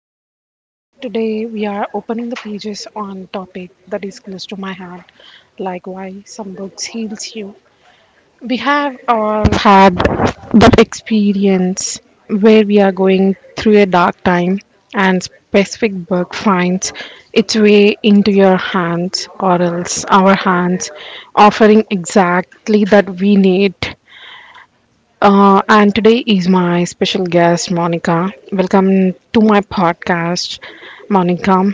Sampada Naidu. Today we are opening the pages on topic that is close to my heart, like why some books heals you. We have all had that experience where we are going through a dark time and specific book finds its way into your hands or else our hands offering exactly that we need and today is my special guest, Monica. Welcome to my podcast, Monica.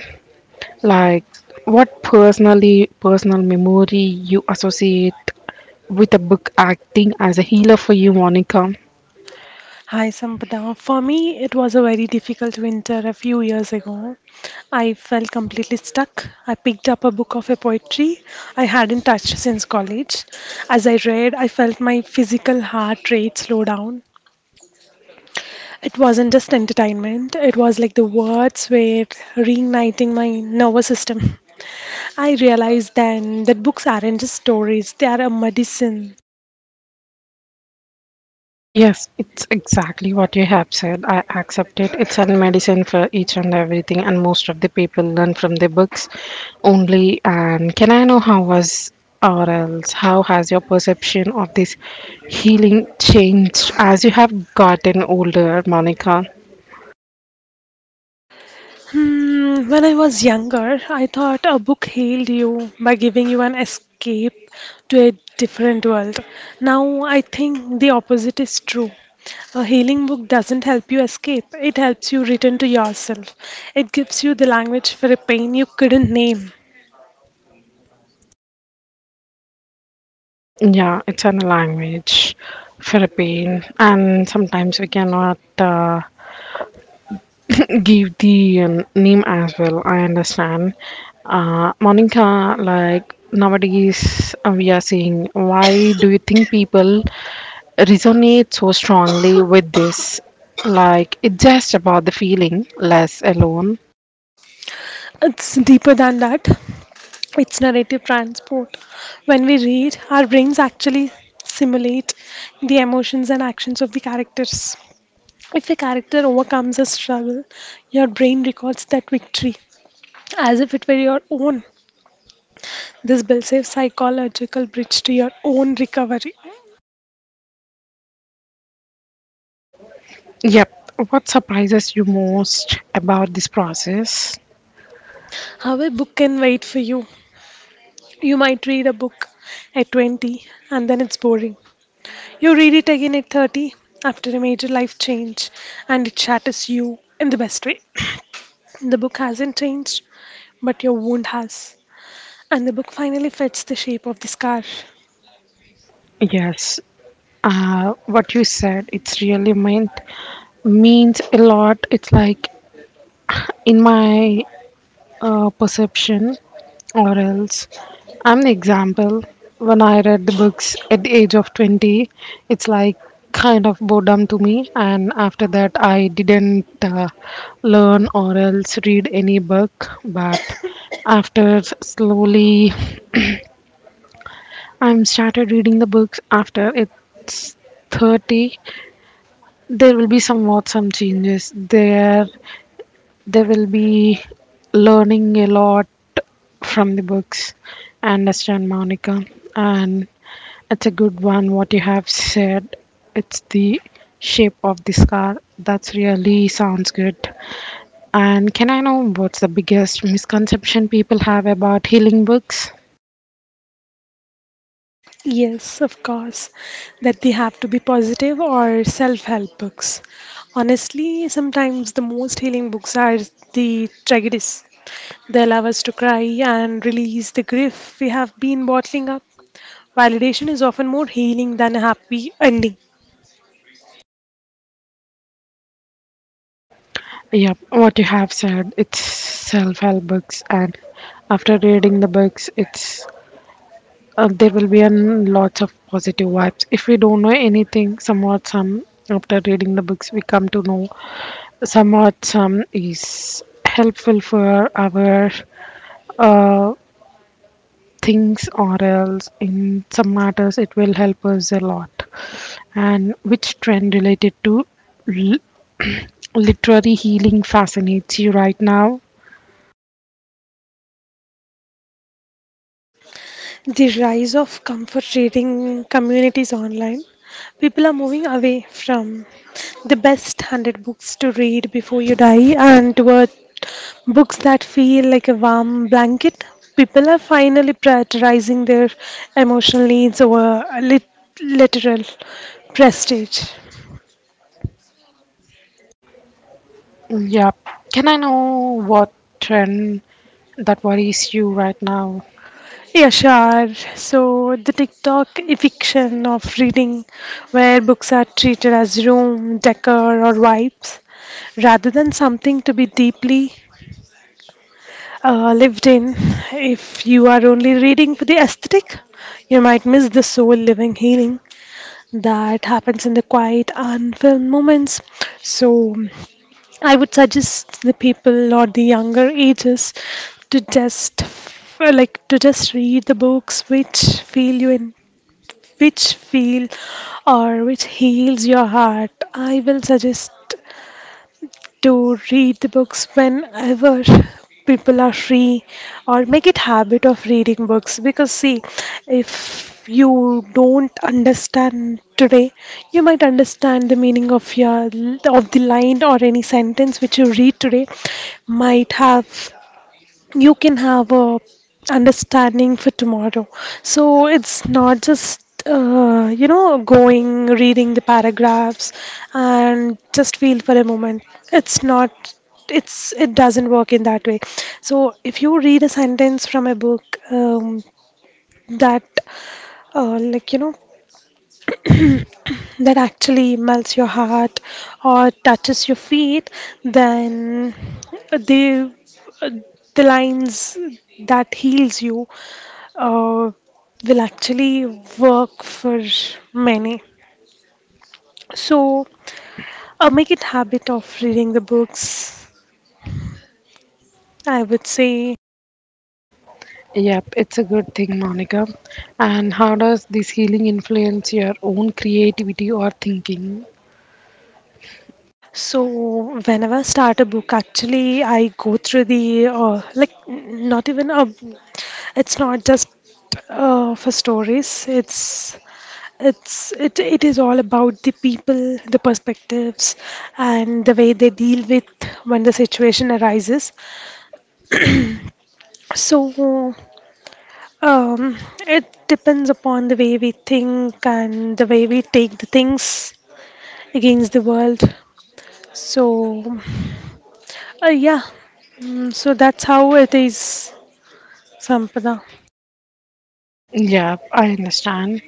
Like, what personal memory you associate with a book acting as a healer for you, Monica? Hi Sampada. For me, it was a very difficult winter a few years ago. I felt completely stuck. I picked up a book of a poetry I hadn't touched since college. As I read, I felt my physical heart rate slow down. It wasn't just entertainment, it was like the words were reigniting my nervous system. I realized then that books aren't just stories, they are a medicine. Yes, it's exactly what you have said. I accept it. It's a medicine for each and everything, and most of the people learn from the books only. And can I know how was or else how has your perception of this healing changed as you have gotten older, Monica? When I was younger, I thought a book healed you by giving you an escape to a different world. Now I think the opposite is true. A healing book doesn't help you escape, it helps you return to yourself. It gives you the language for a pain you couldn't name. Yeah, it's a language for a pain, and sometimes we cannot. Give the name as well. I understand. Monica, like nowadays we are seeing, why do you think people resonate so strongly with this? Like it's just about the feeling less alone. It's deeper than that, it's narrative transport. When we read, our brains actually simulate the emotions and actions of the characters. If a character overcomes a struggle, your brain records that victory as if it were your own. This builds a psychological bridge to your own recovery. Yep. What surprises you most about this process? How a book can wait for you. You might read a book at 20 and then it's boring. You read it again at 30 after a major life change and it shatters you in the best way. The book hasn't changed, but your wound has. And the book finally fits the shape of the scar. Yes. What you said, it's really meant means a lot. It's like in my perception or else I'm the example. When I read the books at the age of 20, it's like kind of boredom to me, and after that I didn't learn or else read any book. But after slowly I'm started reading the books after it's 30, there will be somewhat some changes there. They will be learning a lot from the books. I understand, Monica. And it's a good one what you have said. It's the shape of the scar. That's really sounds good. And can I know what's the biggest misconception people have about healing books? Yes, of course, that they have to be positive or self-help books. Honestly, sometimes the most healing books are the tragedies. They allow us to cry and release the grief we have been bottling up. Validation is often more healing than a happy ending. Yeah, what you have said, it's self help books, and after reading the books, it's there will be an lots of positive vibes. If we don't know anything somewhat some, after reading the books we come to know somewhat some is helpful for our uh, things or else in some matters it will help us a lot. And which trend related to l- literary healing fascinates you right now? The rise of comfort reading communities online. People are moving away from the best handed books to read before you die and toward books that feel like a warm blanket. People are finally prioritizing their emotional needs over a literal prestige. Yeah, can I know what trend that worries you right now? Yeah, sure. So the TikTok eviction of reading, where books are treated as room, decor, or vibes, rather than something to be deeply lived in. If you are only reading for the aesthetic, you might miss the soul living healing that happens in the quiet, unfilmed moments. So I would suggest the people or the younger ages to just f- like to just read the books which feel you in which feel or which heals your heart. I will suggest to read the books whenever people are free or make it habit of reading books, because see, if you don't understand today, you might understand the meaning of your of the line or any sentence which you read today might have you can have a understanding for tomorrow. So it's not just going reading the paragraphs and just feel for a moment. It's not, it doesn't work in that way. So if you read a sentence from a book, um, that uh, like you know that actually melts your heart or touches your feet, then the the lines that heals you uh, will actually work for many. So make it habit of reading the books, I would say. Yep, it's a good thing, Monica. And how does this healing influence your own creativity or thinking? So whenever I start a book, actually, I go through the like n- not even a. It's not just for stories. It is all about the people, the perspectives, and the way they deal with when the situation arises. So um, it depends upon the way we think and the way we take the things against the world. So uh, yeah, so that's how it is, Sampada. Yeah, I understand.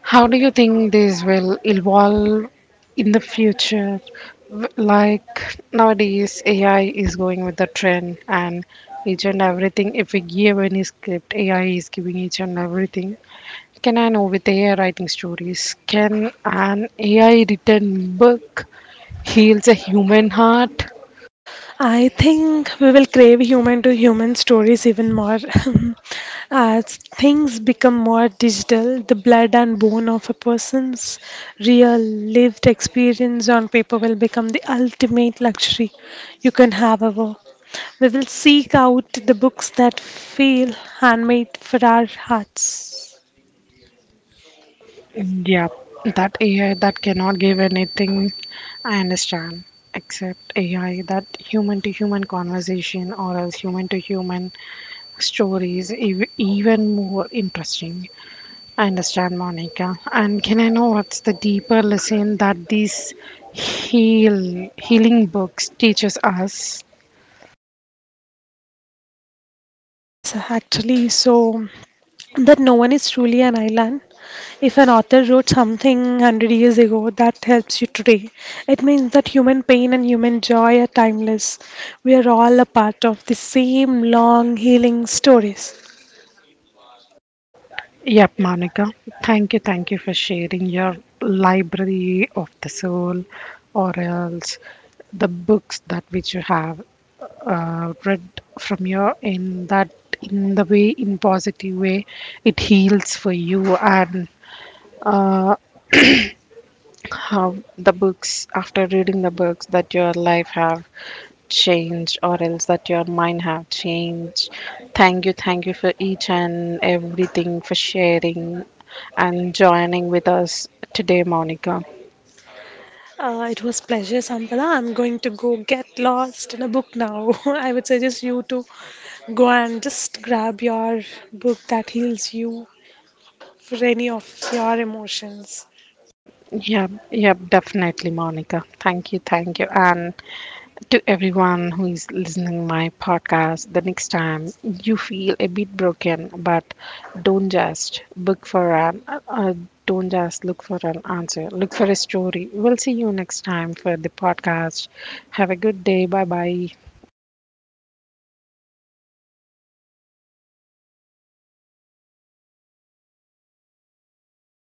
How do you think this will evolve in the future? Like nowadays, AI is going with the trend, and each and everything. If we give any script, AI is giving each and everything. Can I know, with AI writing stories, can an AI written book heals a human heart? I think we will crave human to human stories even more. As things become more digital, the blood and bone of a person's real lived experience on paper will become the ultimate luxury you can have ever. We will seek out the books that feel handmade for our hearts. Yeah, that AI that cannot give anything, I understand, except AI that human to human conversation or else human to human stories, even more interesting. I understand, Monica. And can I know what's the deeper lesson that these healing books teaches us? Yes, actually, so that no one is truly an island. If an author wrote something 100 years ago that helps you today, it means that human pain and human joy are timeless. We are all a part of the same long healing stories. Yep, Monica. Thank you for sharing your library of the soul, or else the books that which you have read from your, in that, in the way, in positive way it heals for you, and how the books, after reading the books, that your life have changed or else that your mind have changed. Thank you, thank you for each and everything for sharing and joining with us today, Monica. It was pleasure, Sampala. I'm going to go get lost in a book now. I would suggest you to go and just grab your book that heals you for any of your emotions. Yeah, yeah, definitely, Monica, thank you, thank you. And to everyone who is listening my podcast, the next time you feel a bit broken, but don't just look for an don't just look for an answer, look for a story. We'll see you next time for the podcast. Have a good day. Bye bye.